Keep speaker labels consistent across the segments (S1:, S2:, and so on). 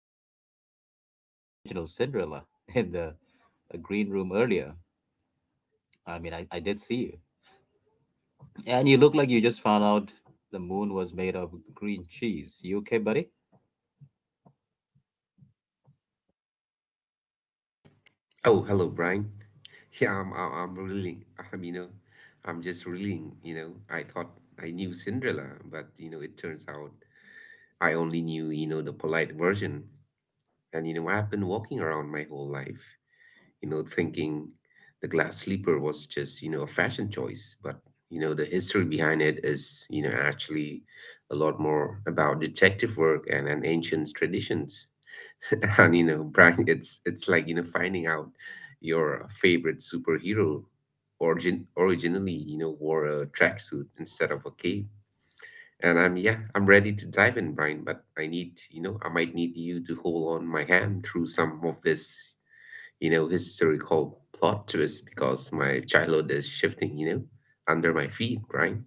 S1: I see you're reading the original Cinderella in the green room earlier. I did see you. And you look like you just found out the moon was made of green cheese. You okay, buddy?
S2: Oh, hello, Brian. Yeah, I'm really, I'm I'm just reeling, I thought I knew Cinderella, but, it turns out I only knew, the polite version. And, I've been walking around my whole life, thinking the glass slipper was just, a fashion choice. But the history behind it is, actually a lot more about detective work and ancient traditions. And, Brian, it's like finding out your favorite superhero originally wore a tracksuit instead of a cape. And I'm ready to dive in, Brian. But I need I might need you to hold on my hand through some of this historical plot twist because my childhood is shifting under my feet, Brian.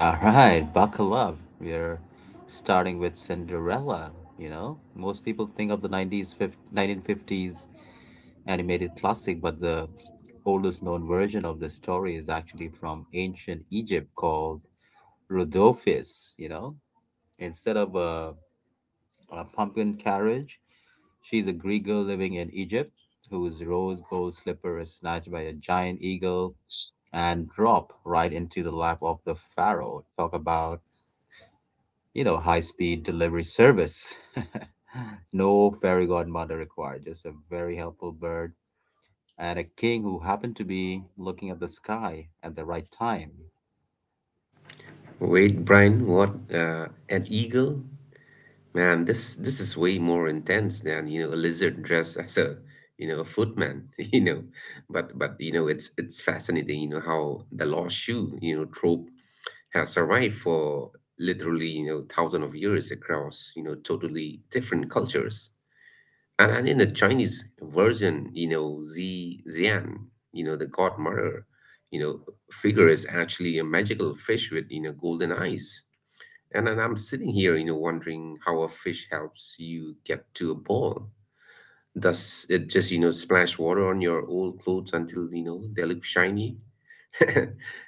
S1: All right, buckle up. We're starting with Cinderella. You know, most people think of the 1950s animated classic, but the oldest known version of the story is actually from ancient Egypt called Rhodopis. You know, instead of a pumpkin carriage, she's a Greek girl living in Egypt whose rose gold slipper is snatched by a giant eagle and drop right into the lap of the pharaoh. Talk about, you know, high speed delivery service. No fairy godmother required, just a very helpful bird and a king who happened to be looking at the sky at the right time.
S2: Wait, Brian, what? An eagle? Man, this is way more intense than, a lizard dressed as a footman, But it's fascinating, how the lost shoe, trope has survived for literally, thousands of years across, totally different cultures. And in the Chinese version, Zi Zian, the godmother, you know, figure is actually a magical fish with, golden eyes, and then I'm sitting here, wondering how a fish helps you get to a ball. Does it just, splash water on your old clothes until, they look shiny?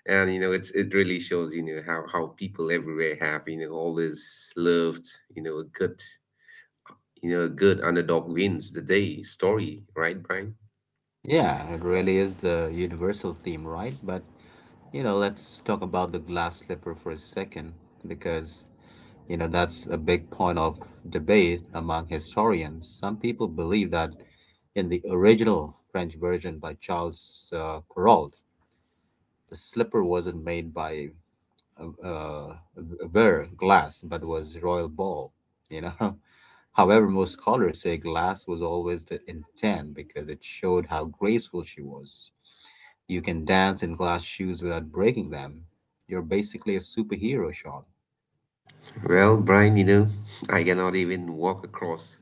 S2: And, it's it really shows, how people everywhere have, always loved, you know, a good, a good underdog wins the day story, right, Brian?
S1: Yeah, it really is the universal theme, right? But, you know, let's talk about the glass slipper for a second because, you know, that's a big point of debate among historians. Some people believe that in the original French version by Charles Perrault, the slipper wasn't made by uh, uh, bare glass, but was royal ball. You know, however, most scholars say glass was always the intent because it showed how graceful she was. You can dance in glass shoes without breaking them. You're basically a superhero, Sean.
S2: Well, Brian, I cannot even walk across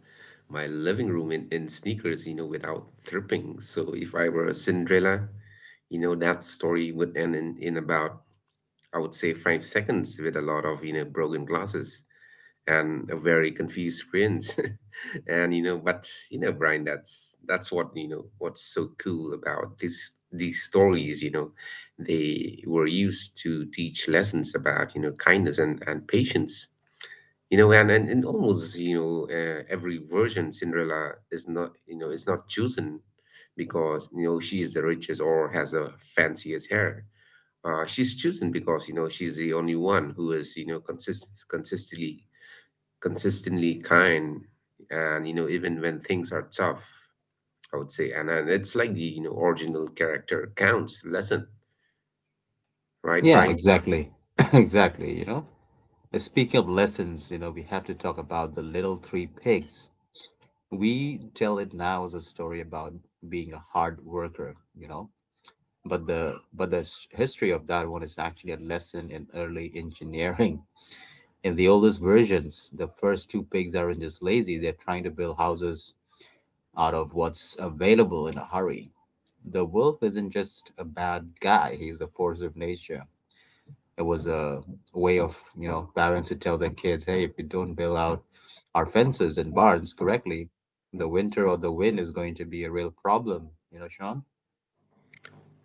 S2: my living room in sneakers, without tripping. So if I were a Cinderella, You know, that story would end in about, I would say, 5 seconds with a lot of, broken glasses and a very confused prince. But, Brian, that's what what's so cool about this these stories, They were used to teach lessons about, kindness and patience. And almost, every version Cinderella is not, you know, is not chosen because she is the richest or has the fanciest hair. She's chosen because she's the only one who is consistently kind, and even when things are tough, I would say. And it's like the original character counts lesson, right,
S1: Yeah,
S2: Brian?
S1: exactly. Exactly, you know. Speaking of lessons, you know, we have to talk about the little three pigs. We tell it now as a story about being a hard worker, you know. But the history of that one is actually a lesson in early engineering. In the oldest versions, the first two pigs aren't just lazy, they're trying to build houses out of what's available in a hurry. The wolf isn't just a bad guy, he's a force of nature. It was a way of, you know, parents to tell their kids, hey, if you don't build out our fences and barns correctly, the winter or the wind is going to be a real problem, you know, Sean?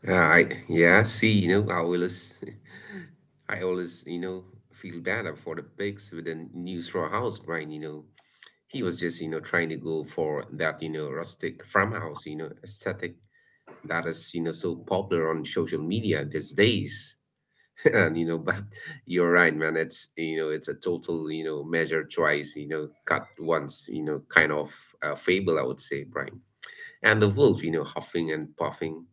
S2: I see, I always I always feel bad for the pigs with the new straw house, Brian. He was just trying to go for that rustic farmhouse aesthetic that is so popular on social media these days. and you know but you're right, man. It's it's a total measure twice cut once, kind of fable, I would say, Brian. And the wolf huffing and puffing,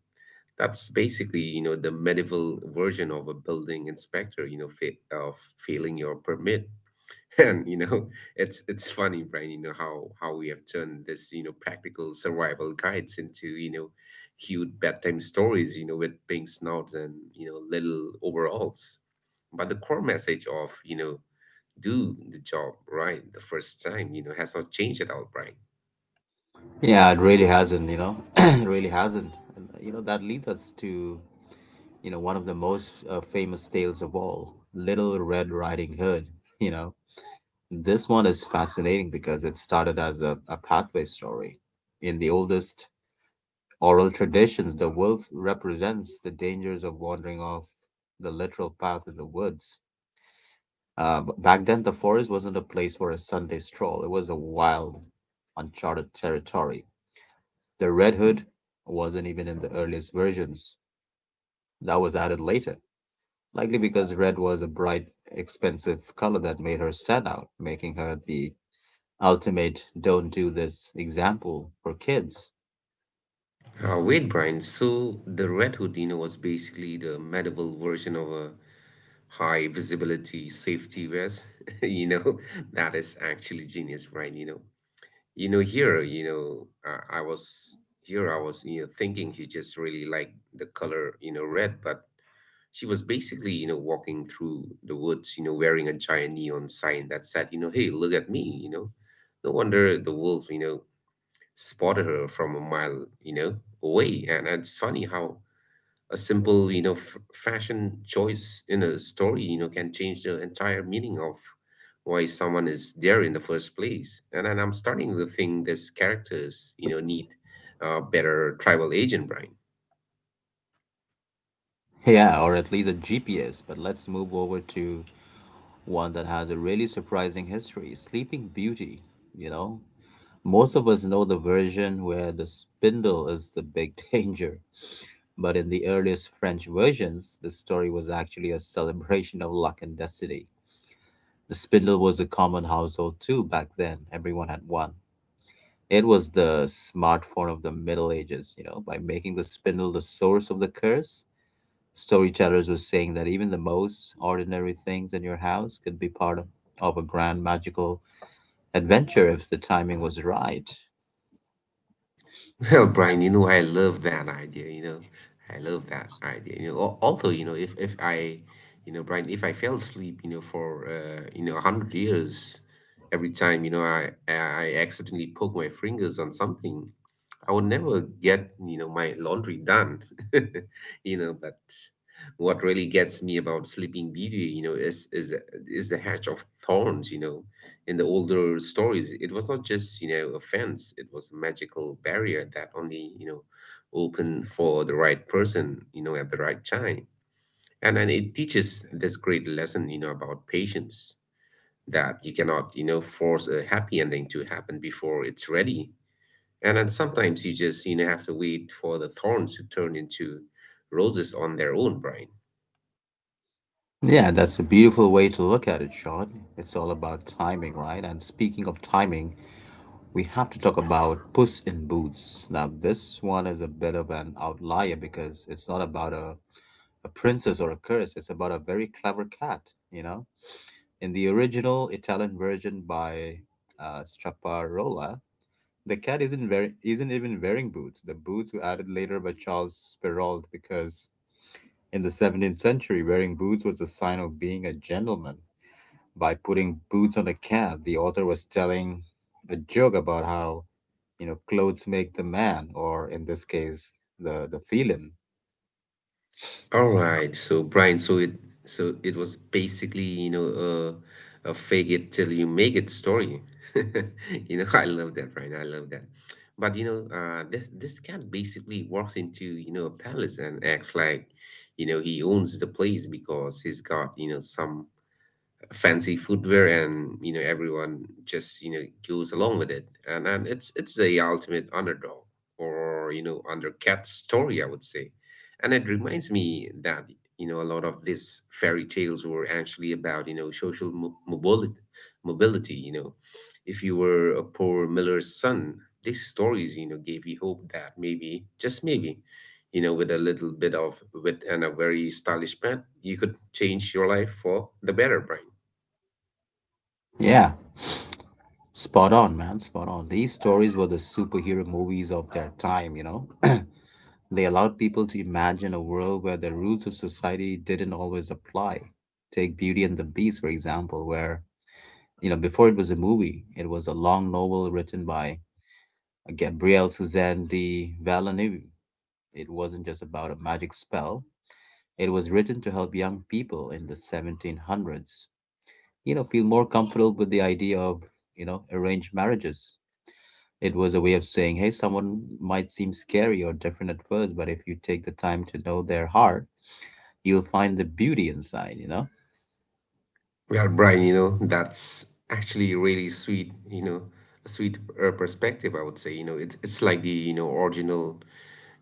S2: that's basically the medieval version of a building inspector fa- of failing your permit. and you know It's funny, Brian, how we have turned this you know practical survival guides into cute bedtime stories with pink snouts and little overalls. But the core message of do the job right the first time has not changed at all, Brian.
S1: Yeah, it really hasn't, you know, it really hasn't. And, you know, that leads us to, you know, one of the most famous tales of all, Little Red Riding Hood, you know. This one is fascinating because it started as a pathway story. In the oldest oral traditions, the wolf represents the dangers of wandering off the literal path in the woods. B- back then, the forest wasn't a place for a Sunday stroll. It was a wild, uncharted territory. The Red Hood wasn't even in the earliest versions. That was added later, likely because red was a bright, expensive color that made her stand out, making her the ultimate don't do this example for kids.
S2: Wait, Brian, so the red hood was basically the medieval version of a high visibility safety vest. you know that is actually genius, Brian. You know you know here you know I was here I was, thinking she just really liked the color red, but she was basically walking through the woods wearing a giant neon sign that said, hey, look at me. No wonder the wolf spotted her from a mile away. And it's funny how a simple fashion choice in a story can change the entire meaning of why someone is there in the first place. And then I'm starting to think these characters need a better tribal agent, Brian.
S1: Yeah, or at least a GPS. But let's move over to one that has a really surprising history, Sleeping Beauty, you know? Most of us know the version where the spindle is the big danger, but in the earliest French versions, the story was actually a celebration of luck and destiny. The spindle was a common household tool back then, everyone had one. It was the smartphone of the Middle Ages, you know, by making the spindle the source of the curse. Storytellers were saying that even the most ordinary things in your house could be part of a grand magical adventure if the timing was right.
S2: Well, Brian, I love that idea. Although if I, Brian, if I fell asleep for 100 years every time I accidentally poke my fingers on something, I would never get, my laundry done. You know, but what really gets me about Sleeping Beauty, is the hedge of thorns, In the older stories, it was not just, a fence. It was a magical barrier that only, opened for the right person, at the right time. And then it teaches this great lesson, about patience, that you cannot, force a happy ending to happen before it's ready, and then sometimes you just, have to wait for the thorns to turn into roses on their own, Brian.
S1: Yeah, that's a beautiful way to look at it, Sean. It's all about timing, right? And speaking of timing, we have to talk about Puss in Boots. Now, this one is a bit of an outlier because it's not about a princess or a curse, it's about a very clever cat, you know? In the original Italian version by Straparola, the cat isn't even wearing boots. The boots were added later by Charles Perrault because in the 17th century, wearing boots was a sign of being a gentleman. By putting boots on a cat, the author was telling a joke about how, you know, clothes make the man, or in this case, the feeling.
S2: All right, so Brian, so it was basically, a fake it till you make it story. You know, I love that, Brian. I love that. But this this cat basically walks into, a palace and acts like, he owns the place because he's got, some fancy footwear, and everyone just goes along with it. And it's the ultimate underdog, or undercat story, I would say. And it reminds me that a lot of these fairy tales were actually about social mobility, if you were a poor miller's son, these stories gave you hope that maybe, just maybe, with a little bit of wit and a very stylish pen, you could change your life for the better, Brian.
S1: Yeah, spot on, man, spot on. These stories were the superhero movies of their time, you know? They allowed people to imagine a world where the rules of society didn't always apply. Take Beauty and the Beast, for example, where, you know, before it was a movie, it was a long novel written by Gabrielle Suzanne de Villeneuve. It wasn't just about a magic spell, it was written to help young people in the 1700s, you know, feel more comfortable with the idea of, you know, arranged marriages. It was a way of saying, hey, someone might seem scary or different at first, but if you take the time to know their heart, you'll find the beauty inside, you know?
S2: Well, Brian, that's actually really sweet, a sweet perspective, I would say. You know, it's like the, original,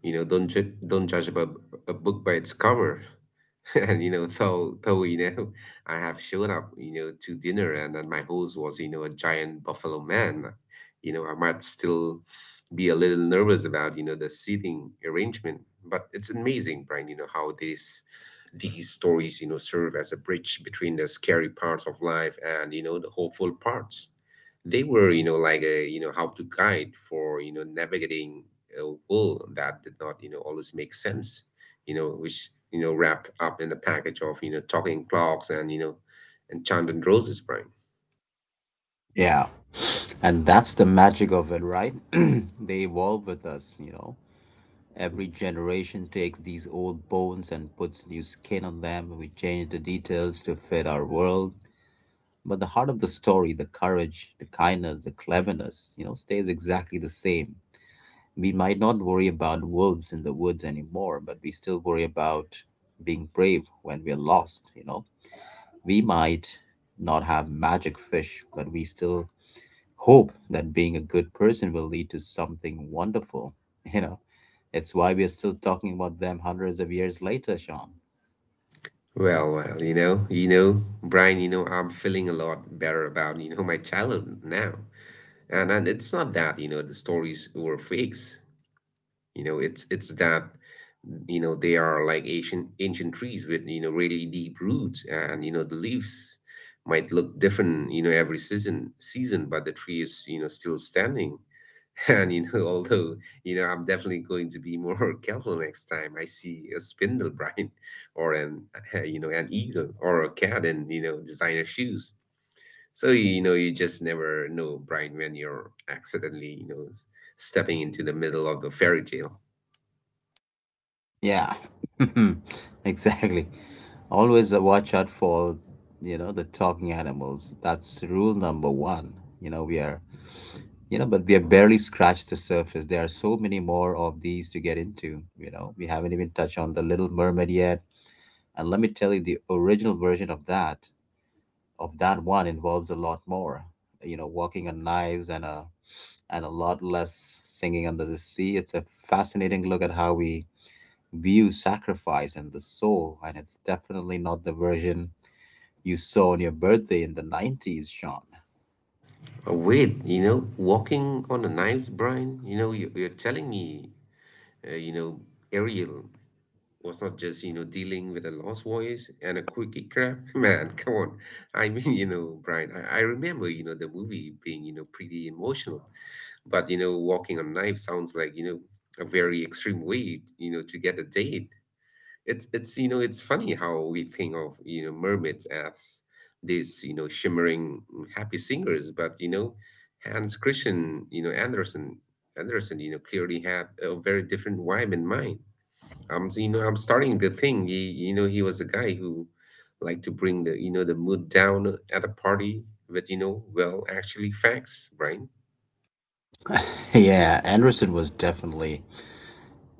S2: don't judge a book by its cover. and you know though you know I have shown up, to dinner, and then my host was, a giant buffalo man. I might still be a little nervous about, the seating arrangement. But it's amazing, Brian, how these stories serve as a bridge between the scary parts of life and the hopeful parts. They were like a how to guide for navigating a world that did not always make sense, which wrapped up in a package of talking clocks and enchanted roses, Brian.
S1: Yeah. And that's the magic of it, right? They evolve with us, you know. Every generation takes these old bones and puts new skin on them. We change the details to fit our world. But the heart of the story, the courage, the kindness, the cleverness, you know, stays exactly the same. We might not worry about wolves in the woods anymore, but we still worry about being brave when we're lost, you know. We might not have magic fish, but we still hope that being a good person will lead to something wonderful. You know, it's why we are still talking about them hundreds of years later, Sean.
S2: Well, Brian, I'm feeling a lot better about my childhood now. And it's not that the stories were fakes. You know, it's that they are like ancient ancient trees with really deep roots, and the leaves might look different every season, but the tree is still standing. And you know, although I'm definitely going to be more careful next time I see a spindlebrine or an an eagle or a cat in designer shoes. So you know, you just never know, Brian, when you're accidentally stepping into the middle of the fairy tale.
S1: Yeah, exactly. Always watch out for, you know, the talking animals. That's rule number one. You know, we are, you know, but we have barely scratched the surface. There are so many more of these to get into. You know, we haven't even touched on The Little Mermaid yet. And let me tell you, the original version of that one involves a lot more. You know, walking on knives and a lot less singing under the sea. It's a fascinating look at how we view sacrifice and the soul, and it's definitely not the version you saw on your birthday in the 90s, Sean.
S2: Oh, wait, walking on the knives, Brian, you're telling me, uh, you know, Ariel was not just, dealing with a lost voice and a quickie crap. Man, come on. I mean, Brian, I remember, the movie being, pretty emotional, but, walking on knives sounds like, a very extreme way, to get a date. It's it's funny how we think of mermaids as these shimmering happy singers, but Hans Christian Andersen clearly had a very different vibe in mind. I'm you know I'm starting to think he you know he was a guy who liked to bring the you know the mood down at a party with well actually facts, right?
S1: Yeah, Anderson was definitely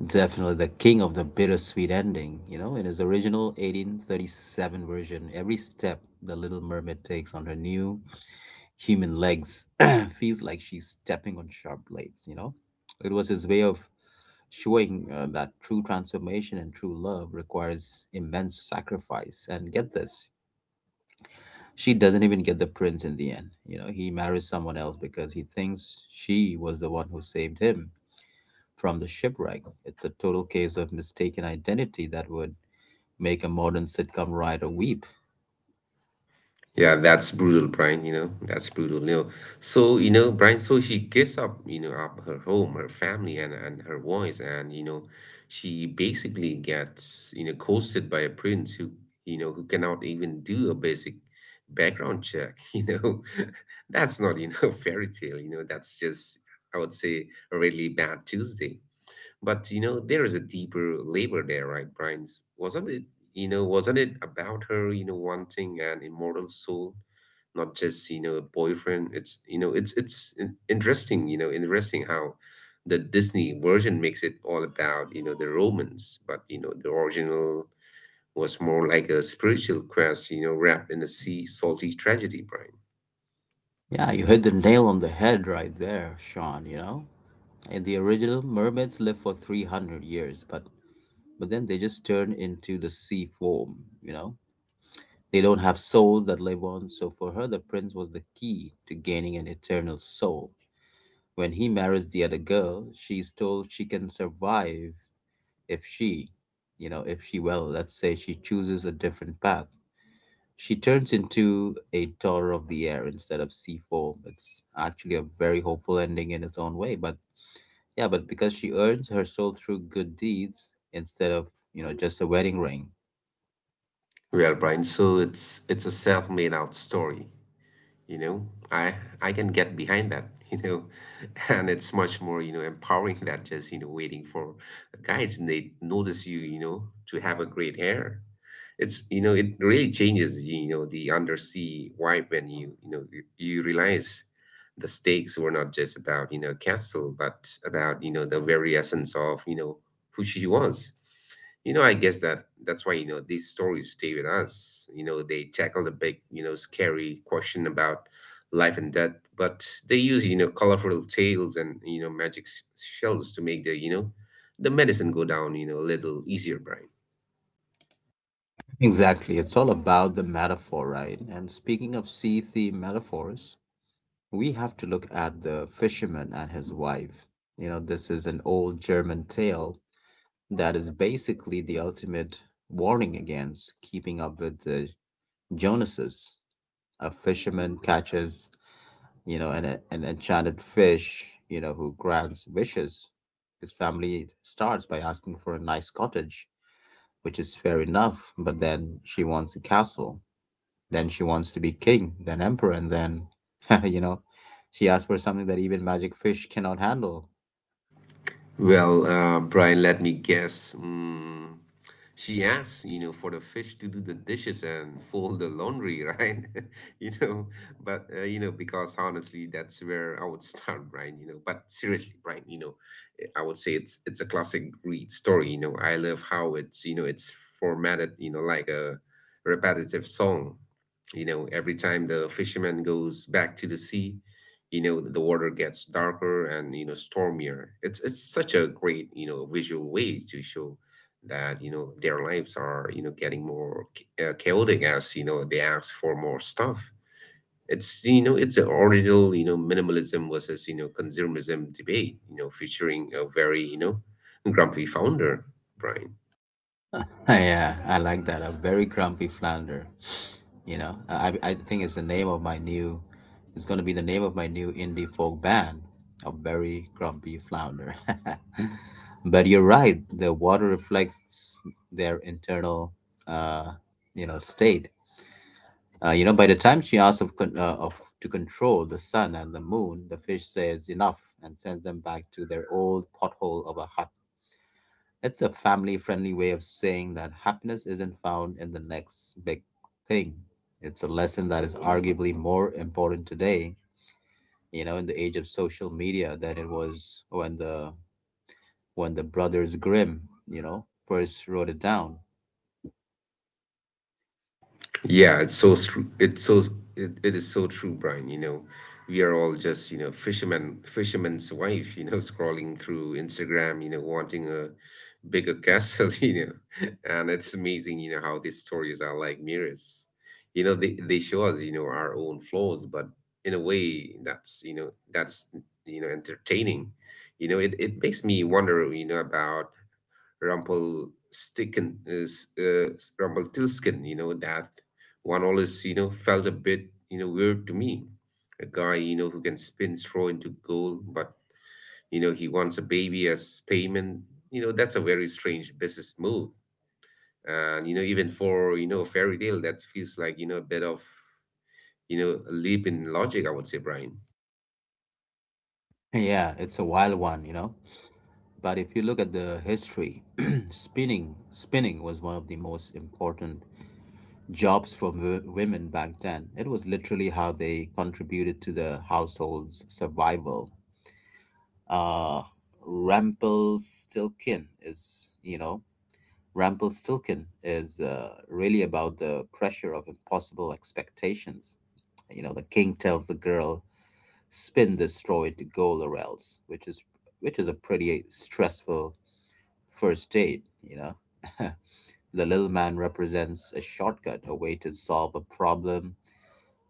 S1: Definitely the king of the bittersweet ending. You know, in his original 1837 version, every step the little mermaid takes on her new human legs feels like she's stepping on sharp blades, you know? It was his way of showing that true transformation and true love requires immense sacrifice. And get this, she doesn't even get the prince in the end. You know, he marries someone else because he thinks she was the one who saved him from the shipwreck. It's a total case of mistaken identity that would make a modern sitcom writer weep.
S2: Yeah, that's brutal, Brian. That's brutal. So, Brian. So she gives up her home, her family, and her voice, and she basically gets coasted by a prince who you know who cannot even do a basic background check. That's not fairy tale. That's just I would say a really bad Tuesday. But there is a deeper labor there, right, Brian's? Wasn't it about her, wanting an immortal soul, not just, a boyfriend? It's interesting how the Disney version makes it all about, the romance, but the original was more like a spiritual quest, wrapped in a sea salty tragedy, Brian.
S1: Yeah, you hit the nail on the head right there, Sean, you know? In the original, mermaids live for 300 years, but then they just turn into the sea foam, you know? They don't have souls that live on, so for her, the prince was the key to gaining an eternal soul. When he marries the other girl, she's told she can survive if she, if she, well, let's say she chooses a different path. She turns into a daughter of the air instead of sea foam. It's actually a very hopeful ending in its own way, but yeah, but because she earns her soul through good deeds instead of, you know, just a wedding ring.
S2: Well, Brian, so it's a self-made out story. you know i I can get behind that. And it's much more empowering than just waiting for guys and they notice you you know to have a great hair. It's it really changes the undersea vibe when you realize the stakes were not just about castle but about the very essence of who she was. I guess that's why, these stories stay with us. They tackle the big, scary question about life and death, but they use, colorful tales and, magic shells to make the medicine go down, a little easier, Brian.
S1: Exactly. It's all about the metaphor, right? And speaking of sea theme metaphors, we have to look at the fisherman and his wife. You know, this is an old German tale that is basically the ultimate warning against keeping up with the Jonases. A fisherman catches, you know, an enchanted fish, you know, who grants wishes. His family starts by asking for a nice cottage, which is fair enough, but then she wants a castle. Then she wants to be king, then emperor, and then, you know, she asks for something that even magic fish cannot handle.
S2: Well, Brian, let me guess. She asks, for the fish to do the dishes and fold the laundry, right? you know, but, because honestly, that's where I would start, Brian. But seriously, Brian, I would say it's a classic greed story. I love how it's formatted, like a repetitive song. Every time the fisherman goes back to the sea, the water gets darker and stormier. It's such a great visual way to show that their lives are getting more chaotic as they ask for more stuff. It's an original minimalism versus consumerism debate featuring a very grumpy founder, Brian.
S1: Yeah, I like that. A very grumpy flounder. You know, I think it's the name of my new. It's gonna be the name of my new indie folk band, a very grumpy flounder. But you're right. The water reflects their internal, uh, you know, state. You know, by the time she asks of, con- of to control the sun and the moon, the fish says enough and sends them back to their old pothole of a hut. It's a family friendly way of saying that happiness isn't found in the next big thing. It's a lesson that is arguably more important today, you know, in the age of social media than it was when the brothers Grimm, you know, first wrote it down.
S2: Yeah, it's so true. It is so true, Brian. We are all just fisherman, fisherman's wife. Scrolling through Instagram. Wanting a bigger castle. And it's amazing. How these stories are like mirrors. They show us our own flaws, but in a way that's entertaining. It makes me wonder. About Rumpelstiltskin. Is uh, Rumpelstiltskin. You know that one always felt a bit weird to me. A guy who can spin straw into gold, but he wants a baby as payment. That's a very strange business move, and even for a fairy tale, that feels like a bit of a leap in logic. I would say, Brian.
S1: Yeah, it's a wild one, you know. But if you look at the history, spinning was one of the most important jobs for women back then. It was literally how they contributed to the household's survival. uh Rumpelstiltskin is Rumpelstiltskin is really about the pressure of impossible expectations. You know, the king tells the girl, "Spin this straw into gold or else," which is a pretty stressful first date. You know, the little man represents a shortcut, a way to solve a problem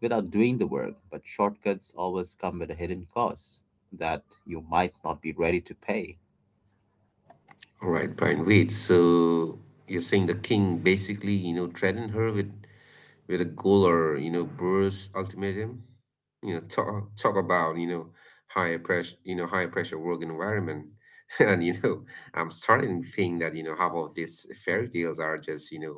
S1: without doing the work. But shortcuts always come with a hidden cost that you might not be ready to pay.
S2: All right, Brian. Wait. So you're saying the king basically threatened her with a goal or Brewers ultimatum. Talk about higher pressure, higher pressure work environment, and I'm starting to think that half of these fairy tales are just you know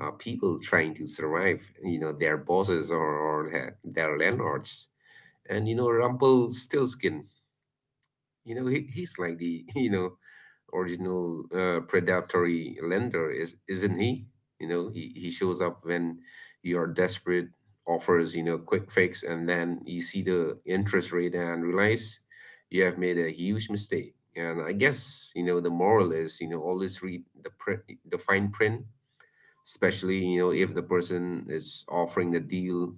S2: uh, people trying to survive, their bosses or their landlords, and Rumpelstiltskin, he's like the, original predatory lender, isn't he? He shows up when you're desperate, offers, quick fix, and then you see the interest rate and realize you have made a huge mistake. And I guess, the moral is, always read the fine print, especially, if the person is offering the deal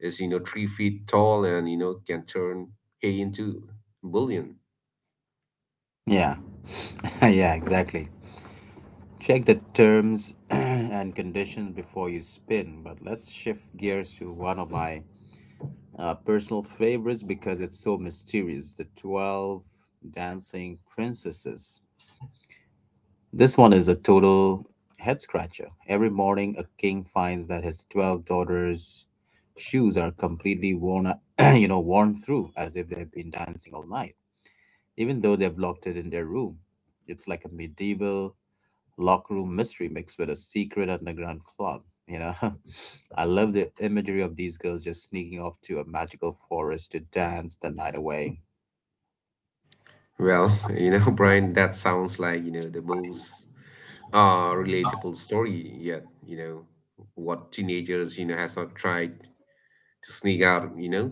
S2: is, 3 feet tall and, can turn hay into bullion.
S1: Yeah, yeah, exactly. Check the terms and conditions before you spin. But let's shift gears to one of my personal favorites because it's so mysterious, the 12 Dancing Princesses. This one is a total head scratcher. Every morning, a king finds that his 12 daughters' shoes are completely worn out. You know, worn through as if they've been dancing all night, even though they've locked it in their room. It's like a medieval locker room mystery mixed with a secret underground club. You know, I love the imagery of these girls just sneaking off to a magical forest to dance the night away.
S2: Well, Brian, that sounds like, the most relatable story yet. What teenagers, has not tried to sneak out, you know,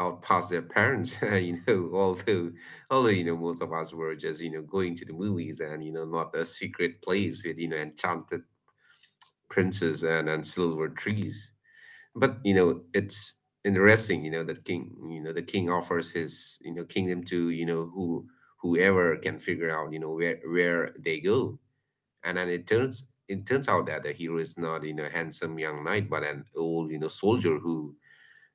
S2: out past their parents, although most of us were just, going to the movies and, not a secret place with, enchanted princes and silver trees. But it's interesting. That king you know the king offers his kingdom to whoever can figure out where they go. And then it turns out that the hero is not handsome young knight but an old soldier who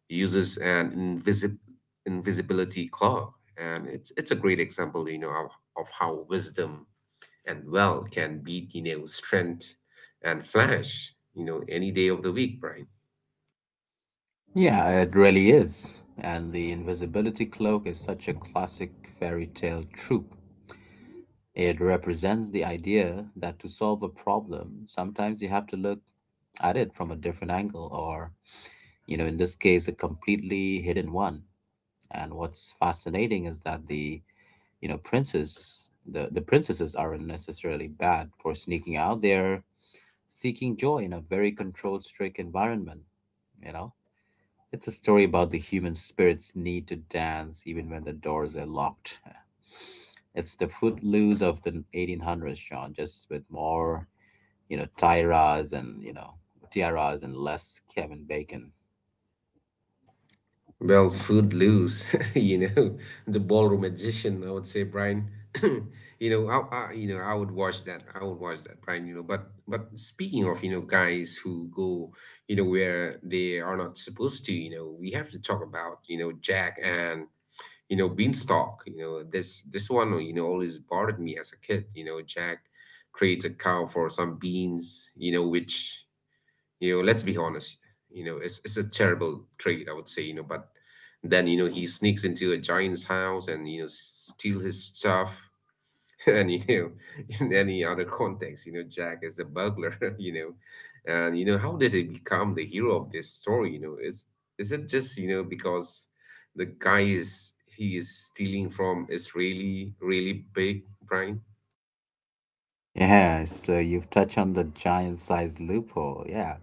S2: uses an invisible invisibility cloak. And it's a great example of how wisdom and wealth can beat strength and flash any day of the week, Brian.
S1: Yeah, it really is. And the invisibility cloak is such a classic fairy tale trope. It represents the idea that to solve a problem, sometimes you have to look at it from a different angle, or, you know, in this case, a completely hidden one. And what's fascinating is that the you know, princes, the princesses aren't necessarily bad for sneaking out. They're seeking joy in a very controlled, strict environment, you know? It's a story about the human spirit's need to dance even when the doors are locked. It's the footloose of the 1800s, Sean, just with more, you know, tiaras and, you know, tiaras and less Kevin Bacon.
S2: Well, food loose, the ballroom magician, I would say, Brian. I would watch that. I would watch that, Brian. But speaking of, guys who go, where they are not supposed to, we have to talk about, Jack and, Beanstalk. This one, always bothered me as a kid. Jack trades a cow for some beans, which let's be honest. It's a terrible trait, I would say. But then he sneaks into a giant's house and steal his stuff. And in any other context, Jack is a burglar. And how did he become the hero of this story? Is it just because the guy is he is stealing from is really really big, Brian?
S1: Yeah, so you've touched on the giant size loophole. Yeah.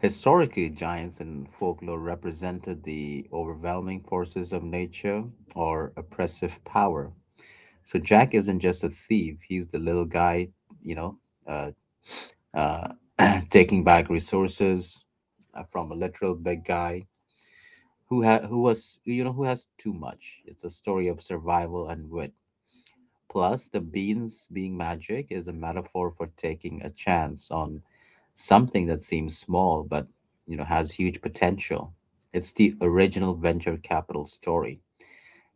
S1: Historically, giants in folklore represented the overwhelming forces of nature or oppressive power. So Jack isn't just a thief, he's the little guy, you know, uh, uh, taking back resources from a literal big guy who was who has too much. It's a story of survival and wit. Plus, the beans being magic is a metaphor for taking a chance on something that seems small but, you know, has huge potential. It's the original venture capital story.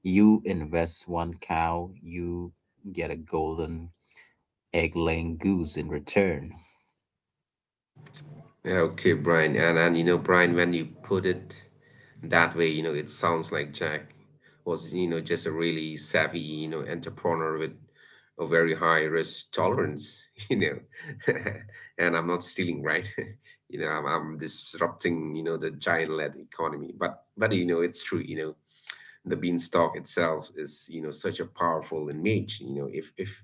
S1: You invest one cow, you get a golden egg-laying goose in return.
S2: Yeah, okay, Brian, and Brian, when you put it that way it sounds like Jack was just a really savvy entrepreneur with a very high risk tolerance. you know and I'm not stealing, right? I'm disrupting the giant led economy, but it's true. The beanstalk itself is such a powerful image. You know if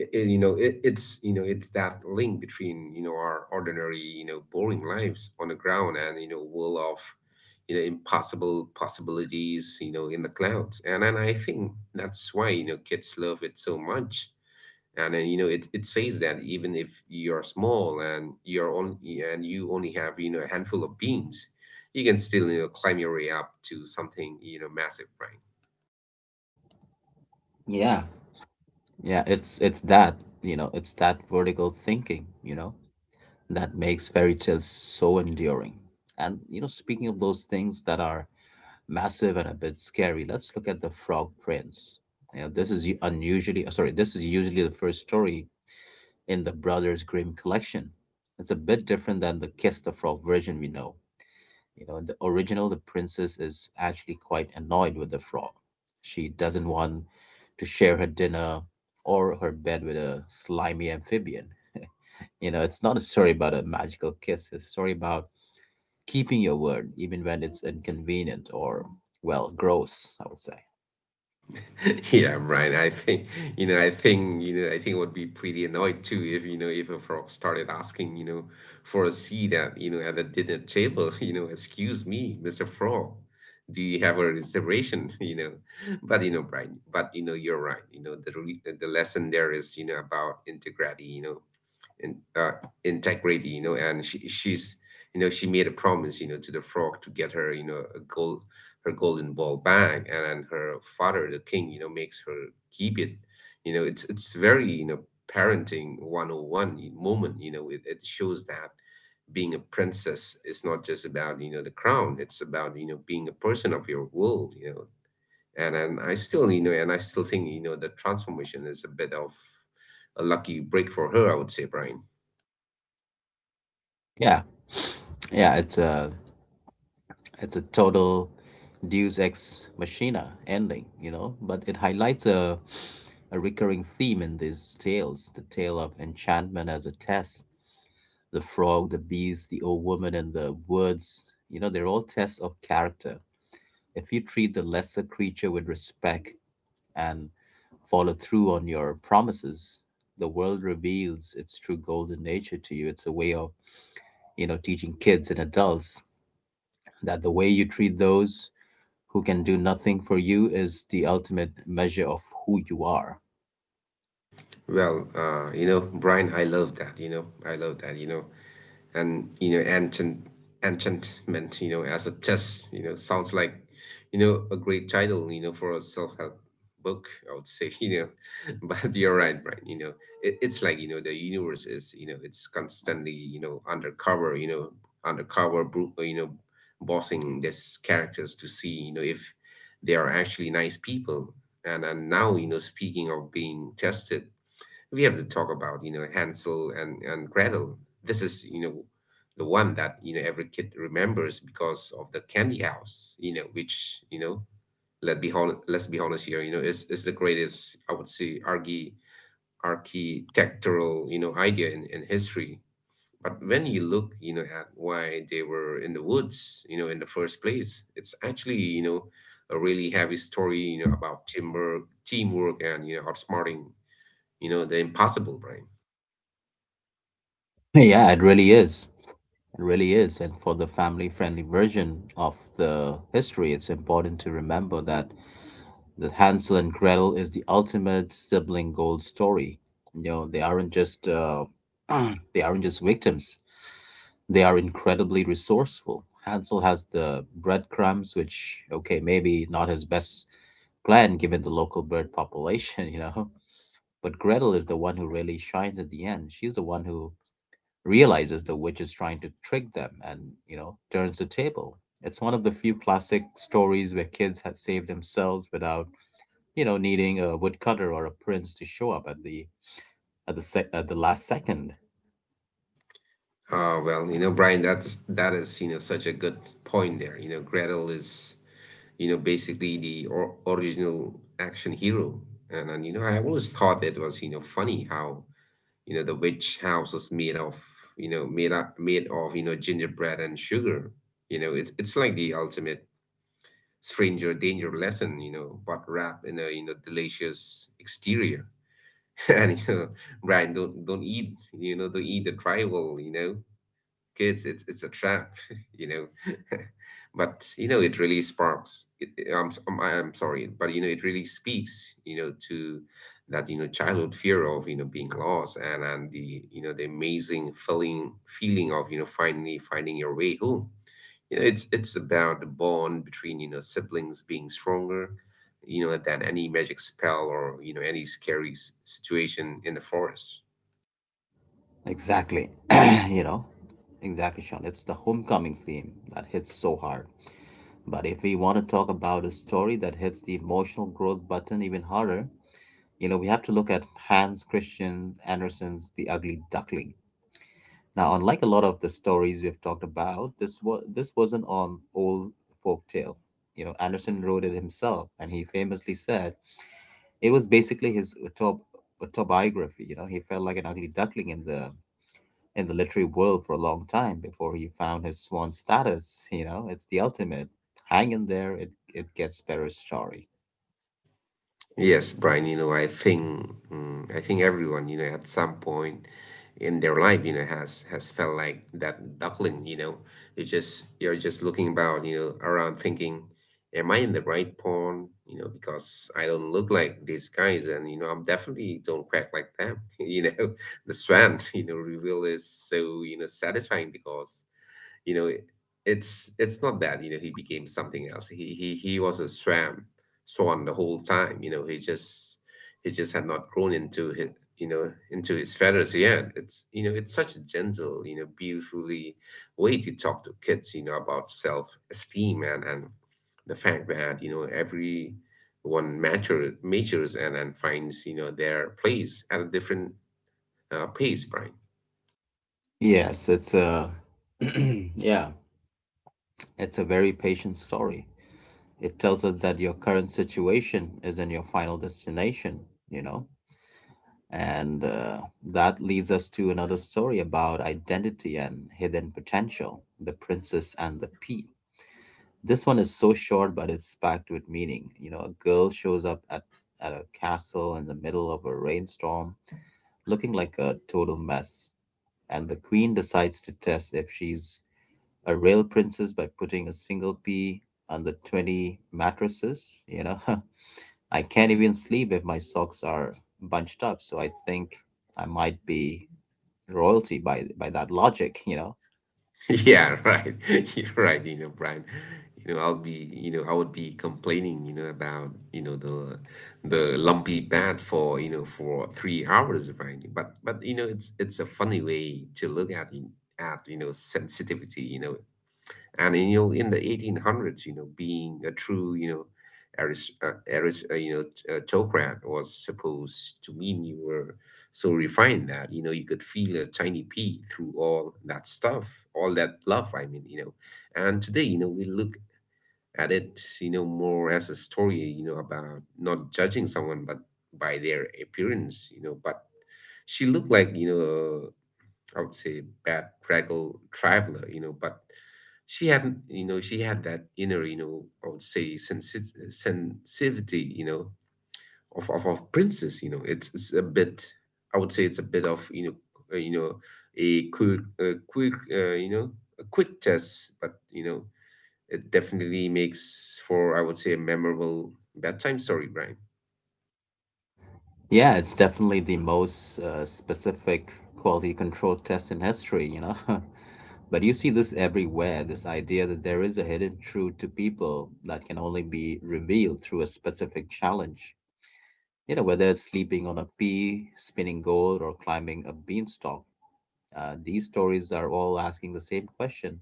S2: I- I- It's that link between our ordinary boring lives on the ground and world of impossible possibilities in the clouds. And I think that's why kids love it so much. And then it says that even if you're small and you're on and you only have a handful of beans. You can still climb your way up to something massive, right?
S1: Yeah, yeah, it's that, you know, it's that vertical thinking, you know, that makes fairy tales so enduring. And you know, speaking of those things that are massive and a bit scary, let's look at the Frog Prince. You know, this is this is usually the first story in the Brothers Grimm collection. It's a bit different than the Kiss the Frog version we know. You know, in the original, the princess is actually quite annoyed with the frog. She doesn't want to share her dinner or her bed with a slimy amphibian. You know, it's not a story about a magical kiss, it's a story about keeping your word, even when it's inconvenient or, well, gross, I would say.
S2: Yeah, Brian, I think I would be pretty annoyed too if, a frog started asking, for a seat at the dinner table, excuse me, Mr. Frog, do you have a reservation? But, Brian, but you're right. The lesson there is, about integrity, in, uh, and she made a promise, to the frog to get her, her golden ball back, and then her father, the king, makes her keep it. It's very, parenting 101 moment. It shows that being a princess is not just about the crown. It's about being a person of your world. And and I still you know and I still think the transformation is a bit of a lucky break for her, I would say, Brian.
S1: Yeah. Yeah, it's it's a total Deus Ex Machina ending, you know, but it highlights a recurring theme in these tales, the tale of enchantment as a test. The frog, the beast, the old woman, and the woods, you know, they're all tests of character. If you treat the lesser creature with respect and follow through on your promises, the world reveals its true golden nature to you. It's a way of, you know, teaching kids and adults that the way you treat those who can do nothing for you is the ultimate measure of who you are.
S2: Well, Brian, I love that, and, enchantment, as a test, sounds like, a great title, for a self-help book, I would say. But you're right, Brian. It's like, the universe is, it's constantly, undercover bossing these characters to see, if they are actually nice people. And now, speaking of being tested, we have to talk about Hansel and Gretel. This is the one that every kid remembers because of the candy house, which, let's be honest here, is the greatest, I would say, architectural, idea in history. But when you look, at why they were in the woods, in the first place, it's actually, a really heavy story, about teamwork and, outsmarting, the impossible, right?
S1: Yeah, it really is. It really is. And for the family friendly version of the history, it's important to remember that the Hansel and Gretel is the ultimate sibling gold story. You know, they aren't just they aren't just victims. They are incredibly resourceful. Hansel has the breadcrumbs, which okay, maybe not his best plan given the local bird population, you know. But Gretel is the one who really shines at the end. She's the one who realizes the witch is trying to trick them and, you know, turns the table. It's one of the few classic stories where kids have saved themselves without, you know, needing a woodcutter or a prince to show up at at the last second.
S2: Ah well, Brian, that is, such a good point there. Gretel is, basically the or original action hero. And I always thought it was, funny how, the witch house is made of, made up made of, you know, gingerbread and sugar. It's like the ultimate stranger danger lesson, but wrapped in a, delicious exterior. And Brian, don't eat, the tribal, kids, it's a trap. you know but it really I'm, s- I'm sorry, but it really speaks, to that, childhood fear of, being lost, and the you know the amazing feeling of, finally finding your way home. It's about the bond between, siblings being stronger, than any magic spell or, any scary situation in the forest.
S1: Exactly. You know, exactly, Sean. It's the homecoming theme that hits so hard. But if we want to talk about a story that hits the emotional growth button even harder, you know, we have to look at Hans Christian Andersen's The Ugly Duckling. Now, unlike a lot of the stories we've talked about, this wasn't an old folk tale. You know, Andersen wrote it himself, and he famously said it was basically his autobiography. You know, he felt like an ugly duckling in the literary world for a long time before he found his swan status. You know, it's the ultimate. Hang in there, it gets better story.
S2: Yes, Brian, I think everyone, at some point in their life, has felt like that duckling, you know. You're just looking about, around thinking, am I in the right pond? Because I don't look like these guys, and I'm definitely don't crack like them. The swan, reveal is so, satisfying because you know it's not that, he became something else. He was a swam swan the whole time. He just had not grown into his, into his feathers yet. It's it's such a gentle, beautifully way to talk to kids, about self esteem, and the fact that, every one matures, and finds, their place at a different, pace, Brian.
S1: Yes, it's yeah. It's a very patient story. It tells us that your current situation isn't your final destination, you know? And that leads us to another story about identity and hidden potential, The Princess and the Pea. This one is so short, but it's packed with meaning. You know, a girl shows up at a castle in the middle of a rainstorm looking like a total mess, and the queen decides to test if she's a real princess by putting a single pea on the 20 mattresses. You know, I can't even sleep if my socks are bunched up. So I think I might be royalty by that logic, you know.
S2: Yeah, right. You're right, Brian. I would be complaining, about, the lumpy pad for, for 3 hours, Brian. But it's a funny way to look at, sensitivity, and, in the 1800s, being a true, autocrat was supposed to mean you were so refined that, you could feel a tiny pea through all that stuff, all that love, I mean. And today, we look at it, more as a story, about not judging someone but by their appearance, but she looked like, I would say, bad traveler, but she had that inner, I would say, sensitivity, of, princess, it's a bit, I would say it's a bit of, uh, you know, a quick, a quick, uh, you know, a quick test, but, it definitely makes for, I would say, a memorable bedtime story, Brian.
S1: Yeah, it's definitely the most specific quality control test in history, you know. But you see this everywhere, this idea that there is a hidden truth to people that can only be revealed through a specific challenge. You know, whether it's sleeping on a pea, spinning gold, or climbing a beanstalk, these stories are all asking the same question: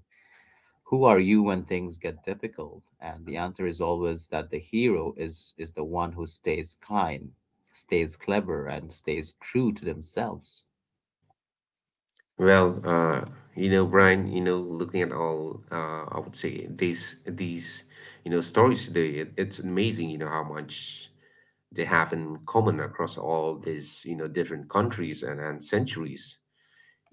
S1: who are you when things get difficult? And the answer is always that the hero is the one who stays kind, stays clever, and stays true to themselves.
S2: Well, Brian, looking at all, I would say, these, stories today, it's amazing, how much they have in common across all these, different countries and, centuries.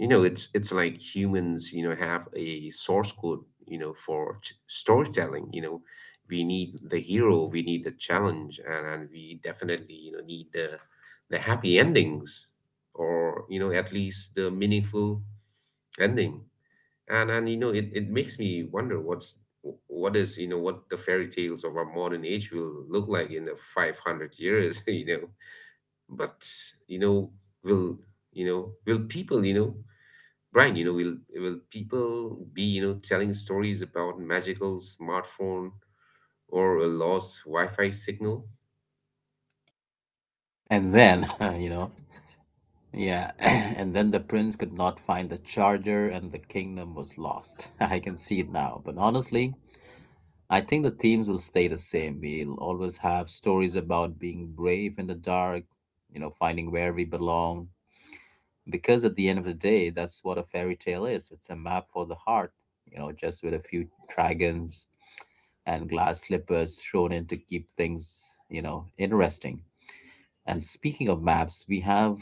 S2: It's like humans, have a source code, for storytelling. We need the hero, we need the challenge, and we definitely, need the happy endings, or, at least the meaningful ending. And it makes me wonder what is, what the fairy tales of our modern age will look like in the 500 years. But you know will will people, Brian, will people be, telling stories about magical smartphone or a lost wi-fi signal?
S1: And then, you know, yeah, and then the prince could not find the charger and the kingdom was lost. I can see it now. But honestly, I think the themes will stay the same. We'll always have stories about being brave in the dark, you know, finding where we belong. Because at the end of the day, that's what a fairy tale is. It's a map for the heart, you know, just with a few dragons and glass slippers thrown in to keep things, you know, interesting. And speaking of maps, we have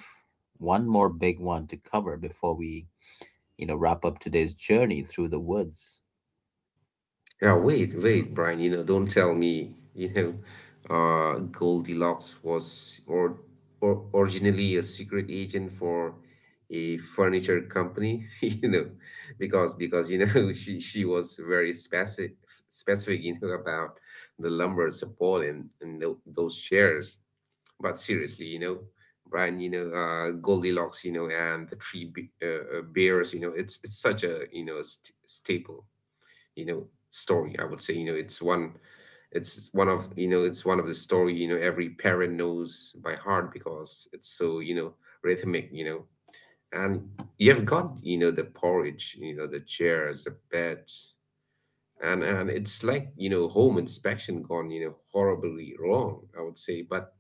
S1: one more big one to cover before we, you know, wrap up today's journey through the woods.
S2: Yeah, wait, wait, Brian, don't tell me, Goldilocks or originally a secret agent for a furniture company. Because she was very specific, about the lumber support and those chairs. But seriously, Brian, Goldilocks, and the three bears, it's such a, st staple, you know story, I would say, it's one of, it's one of the story, every parent knows by heart because it's so, rhythmic, and you've got, the porridge, the chairs, the beds, and it's like, home inspection gone, horribly wrong, I would say. But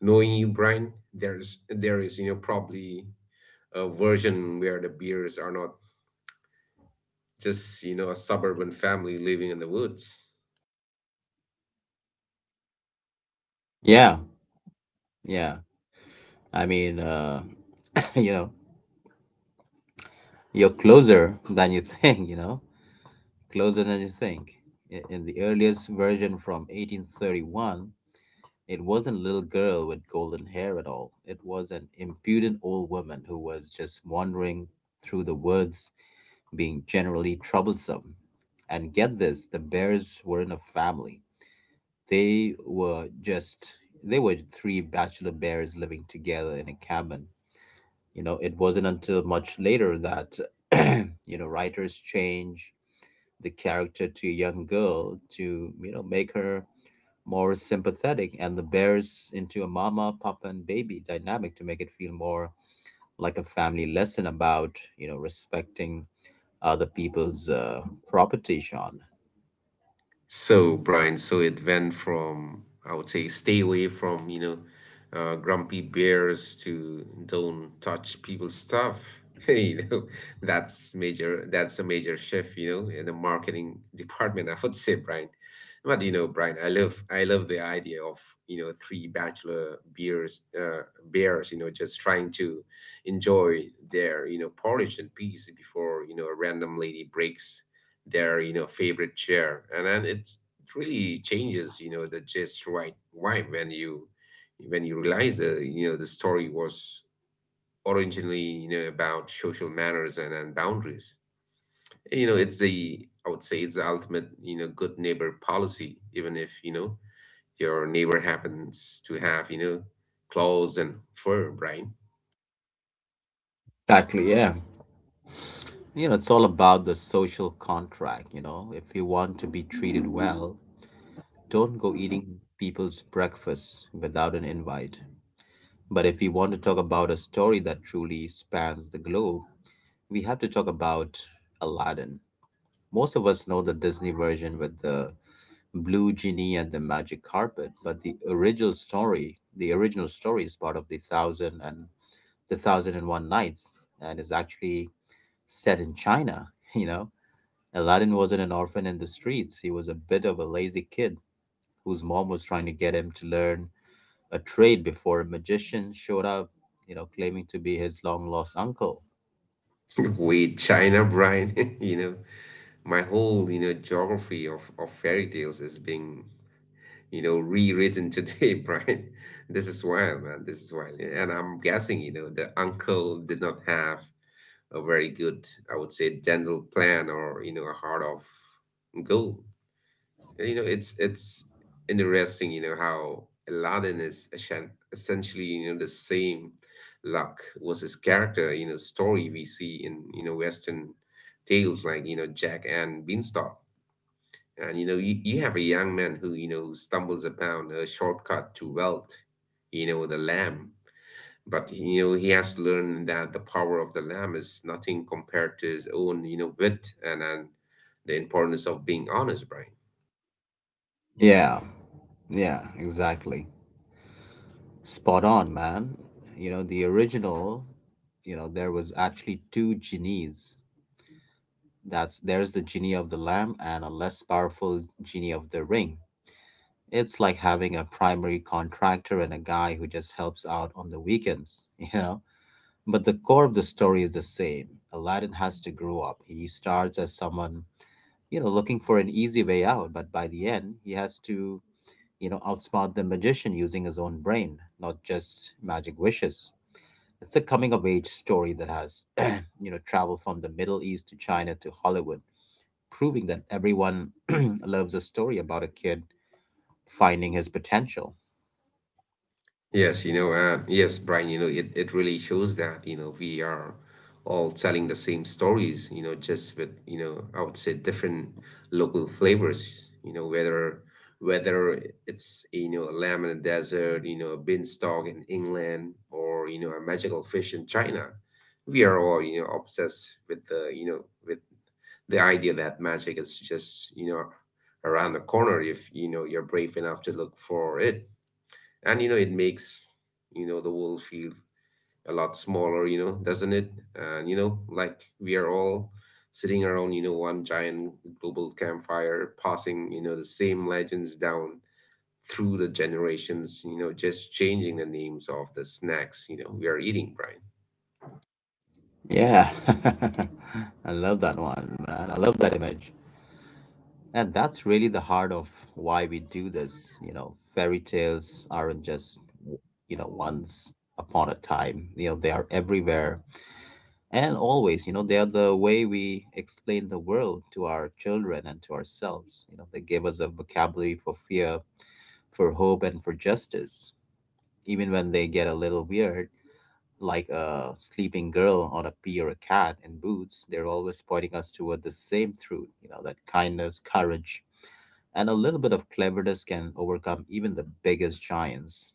S2: knowing you, Brian, there is, probably a version where the beers are not just, a suburban family living in the woods.
S1: Yeah, yeah. I mean, you know, you're closer than you think, you know, closer than you think. In the earliest version from 1831, it wasn't a little girl with golden hair at all. It was an impudent old woman who was just wandering through the woods, being generally troublesome. And get this, the bears weren't a family. They were just, they were three bachelor bears living together in a cabin. You know, it wasn't until much later that you know writers change the character to a young girl to, you know, make her more sympathetic and the bears into a mama, papa, and baby dynamic to make it feel more like a family lesson about, you know, respecting other people's property, Sean.
S2: So, Brian, so it went from, I would say, stay away from, grumpy bears to don't touch people's stuff. You know, that's a major shift, in the marketing department, I would say, Brian. But Brian, I love the idea of, three bachelor beers bears, just trying to enjoy their, porridge and peace before, a random lady breaks their, favorite chair. And then it really changes, the just right vibe, when you realize, the story was originally, about social manners and, boundaries. It's the I would say It's the ultimate, good neighbor policy, even if, your neighbor happens to have, claws and fur, Brian.
S1: Exactly, yeah. You know, it's all about the social contract. You know, if you want to be treated well, don't go eating people's breakfast without an invite. But if you want to talk about a story that truly spans the globe, we have to talk about Aladdin. Most of us know the Disney version with the blue genie and the magic carpet, but the original story is part of the Thousand and One Nights, and is actually set in China. You know, Aladdin wasn't an orphan in the streets. He was a bit of a lazy kid whose mom was trying to get him to learn a trade before a magician showed up. Claiming to be his long lost uncle.
S2: Wait, China, Brian? My whole, geography of, fairy tales is being, rewritten today, Brian. This is wild, man. This is wild. And I'm guessing, the uncle did not have a very good, I would say, dental plan or, a heart of gold. It's interesting, how Aladdin is essentially, the same luck was his character, story we see in, Western tales like, Jack and Beanstalk. And you have a young man who, stumbles upon a shortcut to wealth, the lamb. But he has to learn that the power of the lamb is nothing compared to his own, wit and, the importance of being honest, Brian.
S1: Yeah, yeah, exactly. Spot on, man. You know, the original, there was actually two genies. That's there's the genie of the lamp and a less powerful genie of the ring. It's like having a primary contractor and a guy who just helps out on the weekends, you know? But the core of the story is the same. Aladdin has to grow up. He starts as someone, looking for an easy way out, but by the end, he has to, outsmart the magician using his own brain, not just magic wishes. It's a coming of age story that has, traveled from the Middle East to China to Hollywood, proving that everyone loves a story about a kid finding his potential.
S2: Yes, yes, Brian, it really shows that, we are all telling the same stories, just with, I would say, different local flavors, whether it's, a lamb in the desert, a beanstalk in England, or, a magical fish in China. We are all, obsessed with with the idea that magic is just, around the corner if, you're brave enough to look for it, and, it makes, the world feel a lot smaller, doesn't it? And, like we are all sitting around, one giant global campfire, passing, the same legends down through the generations, just changing the names of the snacks, we are eating, Brian.
S1: Yeah. I love that one, man. I love that image. And that's really the heart of why we do this. Fairy tales aren't just, once upon a time. They are everywhere, and always, they are the way we explain the world to our children and to ourselves. They give us a vocabulary for fear, for hope, and for justice. Even when they get a little weird, like a sleeping girl or a pea or a cat in boots, they're always pointing us toward the same truth, that kindness, courage, and a little bit of cleverness can overcome even the biggest giants.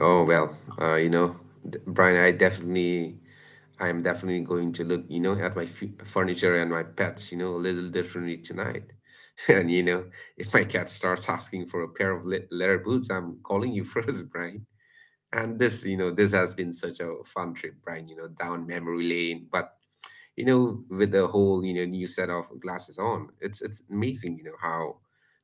S2: Oh well, uh, you know, Brian, I am definitely going to look, at my furniture and my pets, a little differently tonight. And if my cat starts asking for a pair of leather boots, I'm calling you first, Brian. And this has been such a fun trip, Brian. You know, down memory lane, but with the whole, new set of glasses on. It's amazing, how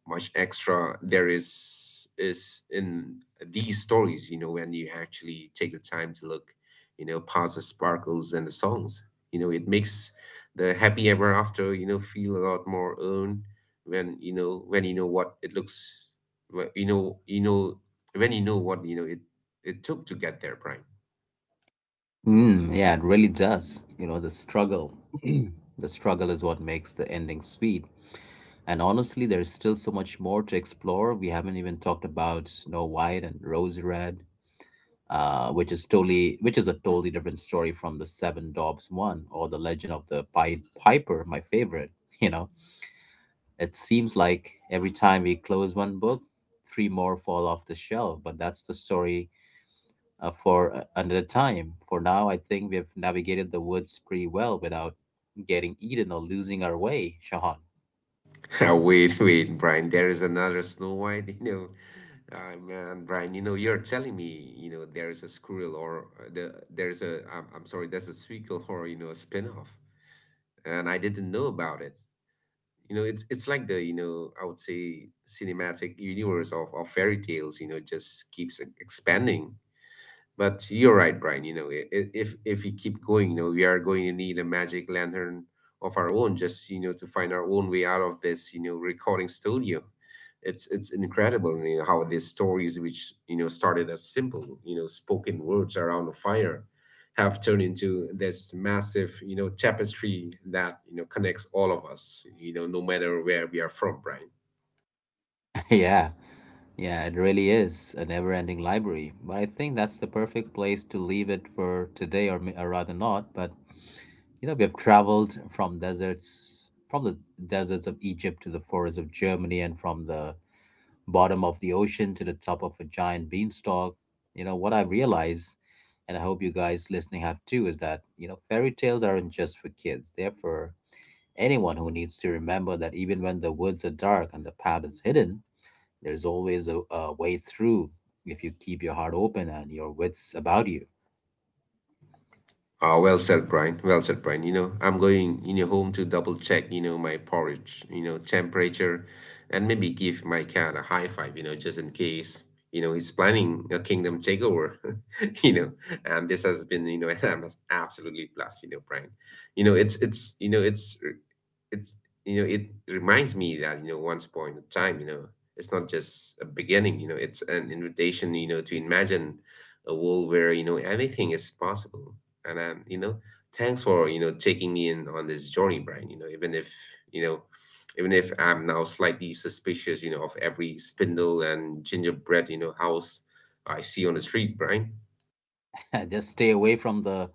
S2: much extra there is in these stories, when you actually take the time to look, past the sparkles and the songs. You know, it makes the happy ever after, feel a lot more own when you know what it looks wh- when you know what it took to get there, Prime.
S1: Mm, yeah, it really does. The struggle. The struggle is what makes the ending sweet. And honestly, there's still so much more to explore. We haven't even talked about Snow White and Rose Red, which is a totally different story from the Seven Doves one or the Legend of the Pied Piper, my favorite. You know, it seems like every time we close one book, three more fall off the shelf. But that's the story for another time. For now, I think we've navigated the woods pretty well without getting eaten or losing our way, Shahan.
S2: Wait, wait, Brian. There is another Snow White. You know, ah, man, Brian. You know, you're telling me. You know, there is a squirrel or the there's a. I'm sorry. There's a sequel or a spin-off, and I didn't know about it. It's like the you know I would say cinematic universe of fairy tales just keeps expanding. But you're right, Brian. If we keep going, we are going to need a magic lantern of our own, just to find our own way out of this, recording studio. It's incredible, how these stories, which started as simple, spoken words around a fire, have turned into this massive, tapestry that connects all of us, no matter where we are from, Brian.
S1: yeah. Yeah, it really is a never ending library. But I think that's the perfect place to leave it for today, or, rather not. But we have traveled from the deserts of Egypt to the forests of Germany, and from the bottom of the ocean to the top of a giant beanstalk. What I realize, and I hope you guys listening have too, is that, fairy tales aren't just for kids. They're for anyone who needs to remember that even when the woods are dark and the path is hidden, there's always a way through if you keep your heart open and your wits about you.
S2: Ah, well said, Brian. Well said, Brian. You know, i'm going home to double check my porridge, temperature, and maybe give my cat a high five. You know, just in case he's planning a kingdom takeover. you know, and this has been an absolutely plus. You know, Brian. You know, it's it's you know it's it's you know it reminds me that once upon a time, it's not just a beginning, it's an invitation, to imagine a world where anything is possible. And thanks for taking me in on this journey, Brian, you know even if I'm now slightly suspicious of every spindle and gingerbread house I see on the street, Brian.
S1: Just stay away from the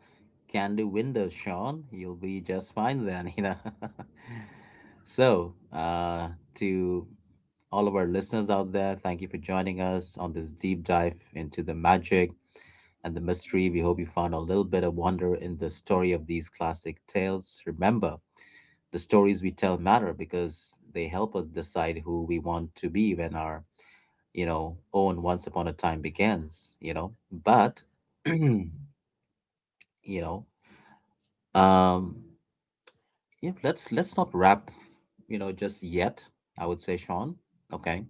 S1: candy window, Sean. You'll be just fine then. So, to all of our listeners out there, thank you for joining us on this deep dive into the magic and the mystery. We hope you found a little bit of wonder in the story of these classic tales. Remember, the stories we tell matter because they help us decide who we want to be when our own once upon a time begins. But you know um yeah, let's not wrap just yet, I would say, Sean. Okay.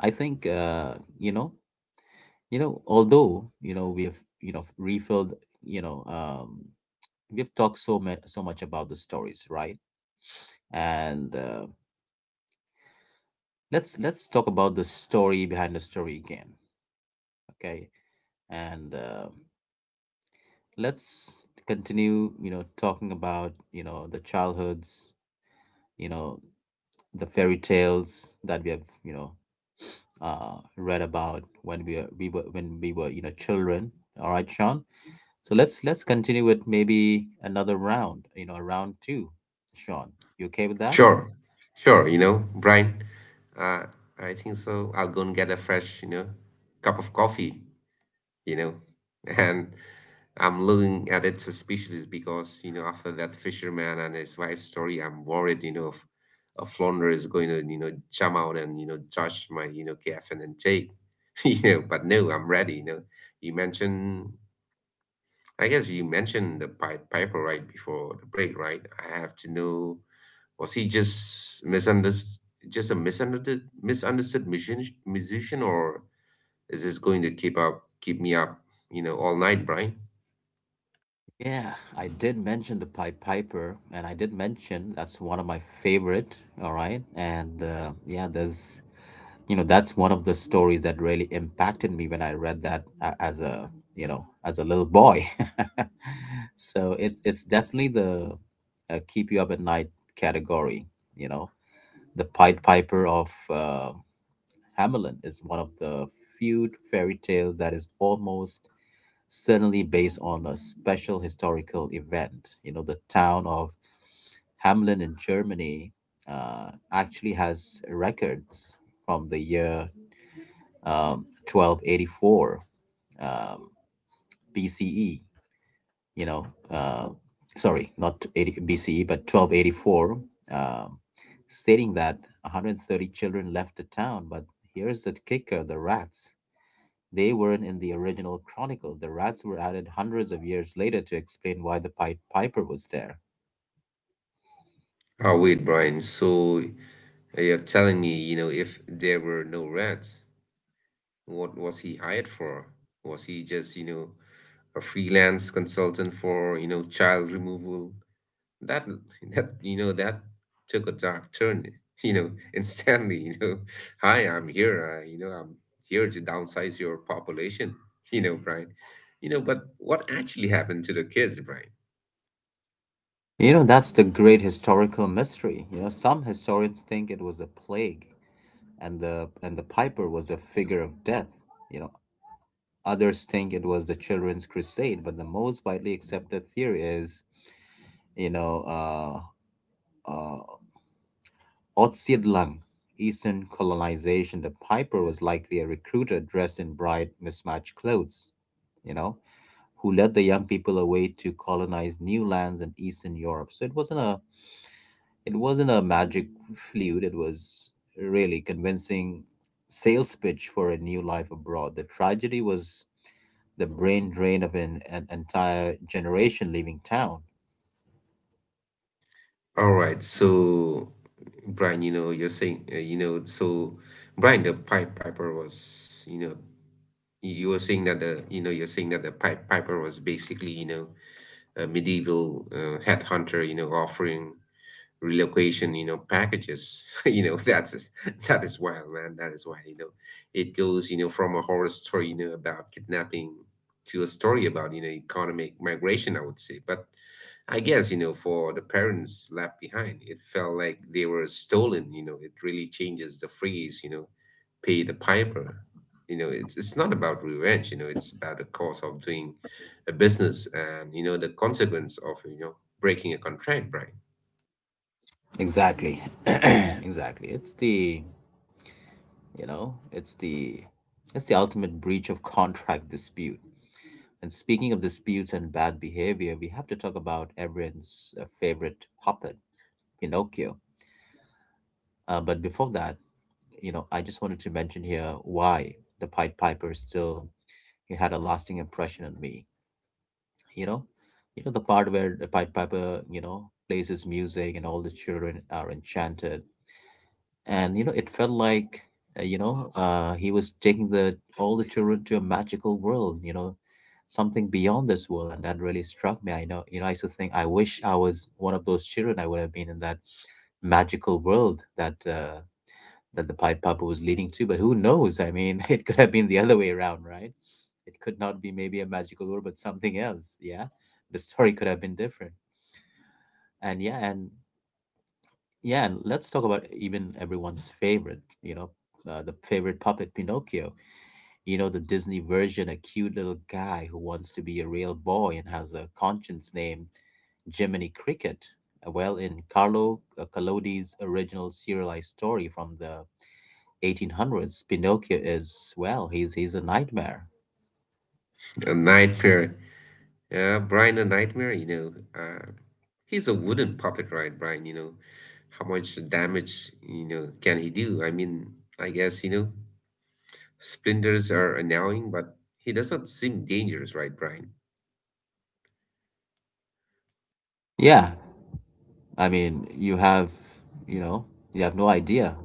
S1: I think you know although we have refilled, you know um we've talked so much about the stories, right? And, let's talk about the story behind the story again. Okay. And, let's continue talking about the childhoods, you know the fairy tales that we have read about when we were children. All right, Sean. So let's continue with maybe another round. Round two, Sean. You okay with that?
S2: Sure, sure. Brian, uh, I think so. I'll go and get a fresh, cup of coffee, you know, and I'm looking at it suspiciously because, after that fisherman and his wife's story, I'm worried, if a flounder is going to, jump out and, judge my, KFN and take, but no, I'm ready, you know. You mentioned, I guess you mentioned the Pied Piper right before the break, right? I have to know. Was he just misunderstood, just a misunderstood musician, or is this going to keep me up, all night, Brian?
S1: Yeah, I did mention the Pied Piper, and I did mention that's one of my favorite. All right. And, yeah, there's you know that's one of the stories that really impacted me when I read that, as a little boy. So it's definitely the keep you up at night category. you know the Pied Piper of Hamelin is one of the few fairy tales that is almost certainly based on a special historical event. The town of Hamelin in Germany actually has records from the year um, 1284 um, BCE, you know, uh, sorry, not 80 BCE, but 1284, um, stating that 130 children left the town. But here's the kicker: the rats. They weren't in the original chronicles. The rats were added hundreds of years later to explain why the Pied Piper was there.
S2: Oh, wait, Brian. So you're telling me, if there were no rats, what was he hired for? Was he just, a freelance consultant for, child removal that that you know that took a dark turn, instantly. Hi, I'm here, I'm here to downsize your population. Brian, but what actually happened to the kids, Brian?
S1: That's the great historical mystery. Some historians think it was a plague, and the piper was a figure of death. You know, Others think it was the children's crusade, but the most widely accepted theory is, you know, uh, uh, Otsidlang, Eastern colonization. The piper was likely a recruiter dressed in bright, mismatched clothes, you know, who led the young people away to colonize new lands in Eastern Europe. So it wasn't a magic flute. It was really convincing sales pitch for a new life abroad. The tragedy was the brain drain of an entire generation leaving town.
S2: All right, so, Brian, you're saying, so, Brian, the pipe piper was, you were saying that the, you're saying that the pipe piper was basically, a medieval, headhunter, offering relocation, packages. That is wild, man. That is wild. You know, it goes, from a horror story, about kidnapping to a story about, economic migration, I would say. But I guess, for the parents left behind, it felt like they were stolen. You know, it really changes the phrase, pay the piper. It's not about revenge, it's about the cost of doing a business, and the consequence of, breaking a contract, right?
S1: Exactly. Exactly. It's the, you know, it's the ultimate breach of contract dispute. And speaking of disputes and bad behavior, we have to talk about everyone's favorite puppet, Pinocchio. But before that, I just wanted to mention here why the Pied Piper still it had a lasting impression on me. you know the part where the Pied Piper plays his music, and all the children are enchanted, and it felt like he was taking the all the children to a magical world, something beyond this world. And that really struck me. I know. I used to think, I wish I was one of those children. I would have been in that magical world that the Pied Piper was leading to, but who knows? I mean, it could have been the other way around, right? It could not be maybe a magical world, but something else. Yeah, the story could have been different. And yeah, and let's talk about even everyone's favorite, the favorite puppet Pinocchio. The Disney version, a cute little guy who wants to be a real boy and has a conscience named Jiminy Cricket. Well, in Carlo Collodi's original serialized story from the 1800s, Pinocchio is, well, he's a nightmare.
S2: A nightmare. Yeah, Brian, a nightmare. He's a wooden puppet, right, Brian? You know, how much damage, can he do? I mean, I guess, splinters are annoying, but he does not seem dangerous, right, Brian?
S1: Yeah, I mean, you know, you have no idea.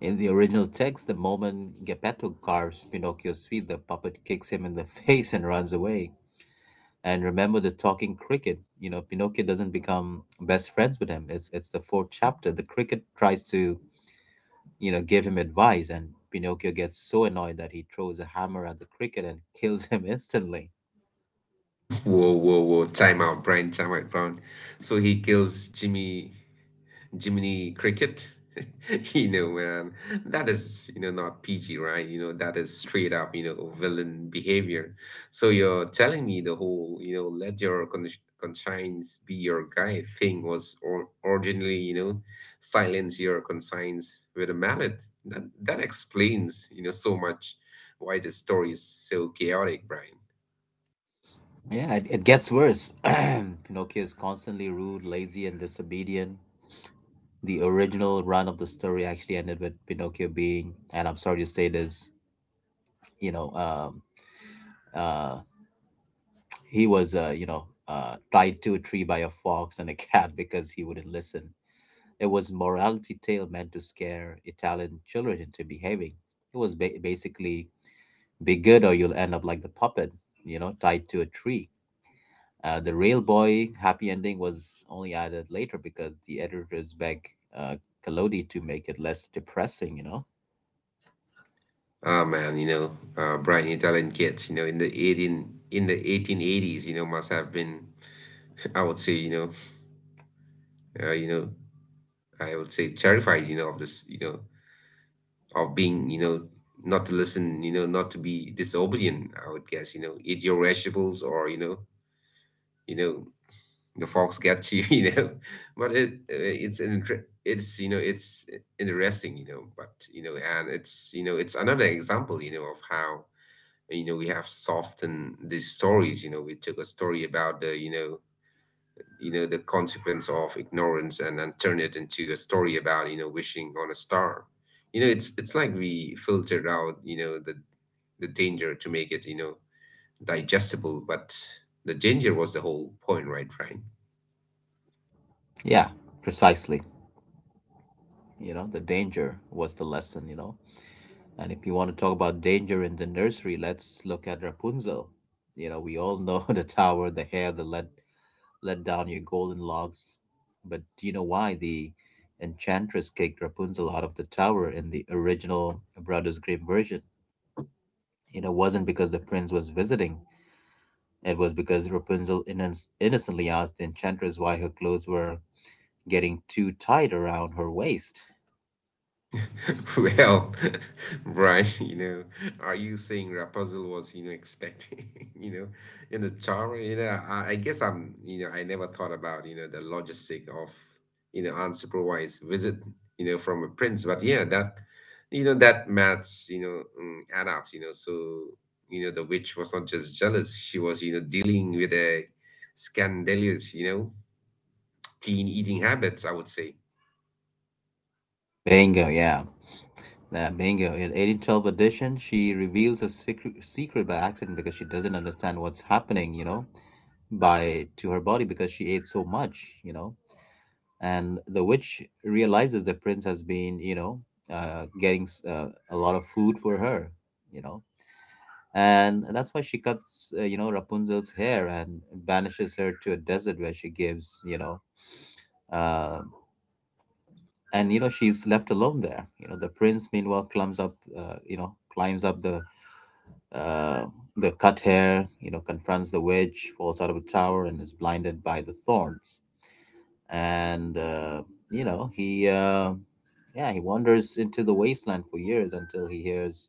S1: In the original text, the moment Geppetto carves Pinocchio's feet, the puppet kicks him in the face and runs away. And remember the talking cricket. Pinocchio doesn't become best friends with him. It's the fourth chapter. The cricket tries to give him advice, and Pinocchio gets so annoyed that he throws a hammer at the cricket and kills him instantly.
S2: Whoa, whoa, whoa. Time out, Brian. Time out, Brian. So he kills Jimmy. Jiminy Cricket. You know, man, that is, not PG, right? You know, that is straight up, villain behavior. So you're telling me the whole, let your conscience be your guide thing was originally, silence your conscience with a mallet. That explains, so much why the story is so chaotic, Brian.
S1: Yeah, it gets worse. Pinocchio is constantly rude, lazy, and disobedient. The original run of the story actually ended with Pinocchio being, and I'm sorry to say this, you know, um, uh, he was tied to a tree by a fox and a cat because he wouldn't listen. It was morality tale meant to scare Italian children into behaving. It was basically be good or you'll end up like the puppet, tied to a tree. The Rail Boy happy ending was only added later because the editors begged uh, Kalodi to make it less depressing, you know?
S2: Ah, man, Brian, Italian kids, in the 1880s, must have been, I would say, uh, you know, I would say terrified, of this, of being, not to listen, not to be disobedient. I would guess, eat your vegetables, or you know, the fox gets you, you know. But it, it's it's interesting. But and it's it's another example, of how we have softened these stories. You know, we took a story about the, the consequence of ignorance, and then turn it into a story about wishing on a star. It's like we filtered out the danger to make it digestible. But the danger was the whole point, right, Frank?
S1: Yeah, precisely. The danger was the lesson, you know? And if you want to talk about danger in the nursery, let's look at Rapunzel. We all know the tower, the hair, the let down your golden locks. But do you know why the enchantress kicked Rapunzel out of the tower in the original Brothers Grimm version? It wasn't because the prince was visiting. It was because Rapunzel innocently asked the enchantress why her clothes were getting too tight around her waist.
S2: Well, Brian, are you saying Rapunzel was, expecting, in the charm? I guess I'm, I never thought about, the logistic of, unsupervised visit, from a prince. But yeah, that, that maths add up. So, the witch was not just jealous; she was, dealing with a scandalous, teen eating habits, I would say.
S1: Bingo, yeah. Yeah, bingo. In 1812 edition, she reveals a secret by accident because she doesn't understand what's happening, by to her body because she ate so much. And the witch realizes the prince has been getting a lot of food for her, you know. And that's why she cuts Rapunzel's hair and banishes her to a desert, where she gives you know uh, she's left alone there. The prince meanwhile climbs up the uh, cut hair, confronts the witch, falls out of a tower, and is blinded by the thorns. And you know he uh, yeah he wanders into the wasteland for years until he hears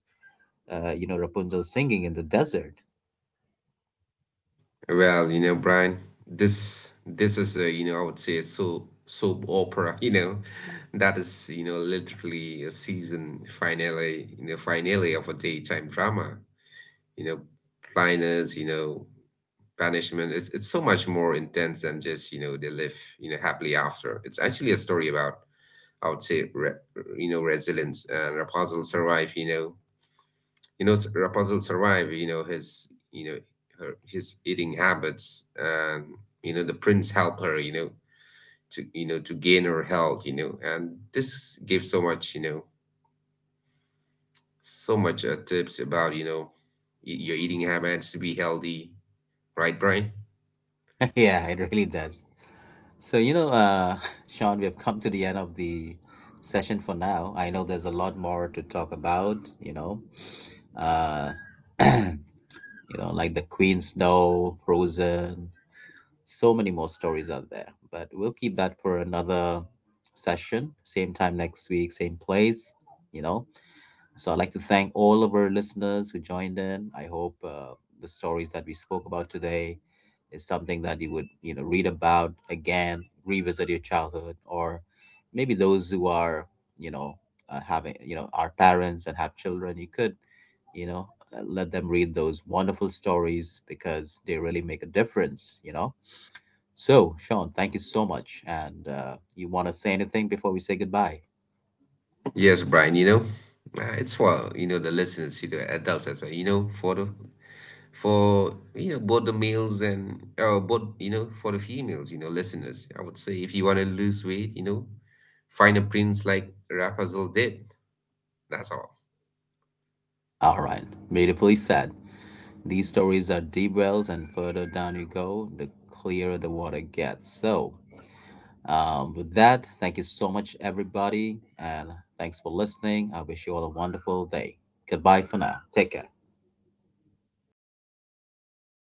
S1: Rapunzel singing in the desert.
S2: Well, Brian, this is a, I would say a soap opera. That is, literally a season finale, finale of a daytime drama. You know, blindness, banishment. It's so much more intense than just, they live, happily after. It's actually a story about, I would say, resilience, and Rapunzel survive, Rapunzel survive his her his eating habits, and the prince help her, to to gain her health, and this gives so much, so much, tips about, your eating habits to be healthy, right, Brian?
S1: Yeah, it really does. So, Sean, we have come to the end of the session for now. I know there's a lot more to talk about, uh, you like the Queen's Snow, Frozen, so many more stories out there. But we'll keep that for another session, same time next week, same place, you know. So I'd like to thank all of our listeners who joined in. I hope the stories that we spoke about today is something that you would, read about again, revisit your childhood, or maybe those who are, you know, having, are parents and have children. You could, you know, let them read those wonderful stories because they really make a difference. So, Sean, thank you so much. And, you want to say anything before we say goodbye?
S2: Yes, Brian, it's for, the listeners, adults as well, for the for both the males, and both for the females, listeners, I would say, if you want to lose weight, find a prince like Rapunzel did. That's all.
S1: All right, beautifully said. These stories are deep wells, and further down you go, the clearer the water gets. So, with that, thank you so much, everybody, and thanks for listening. I wish you all a wonderful day. Goodbye for now. Take care.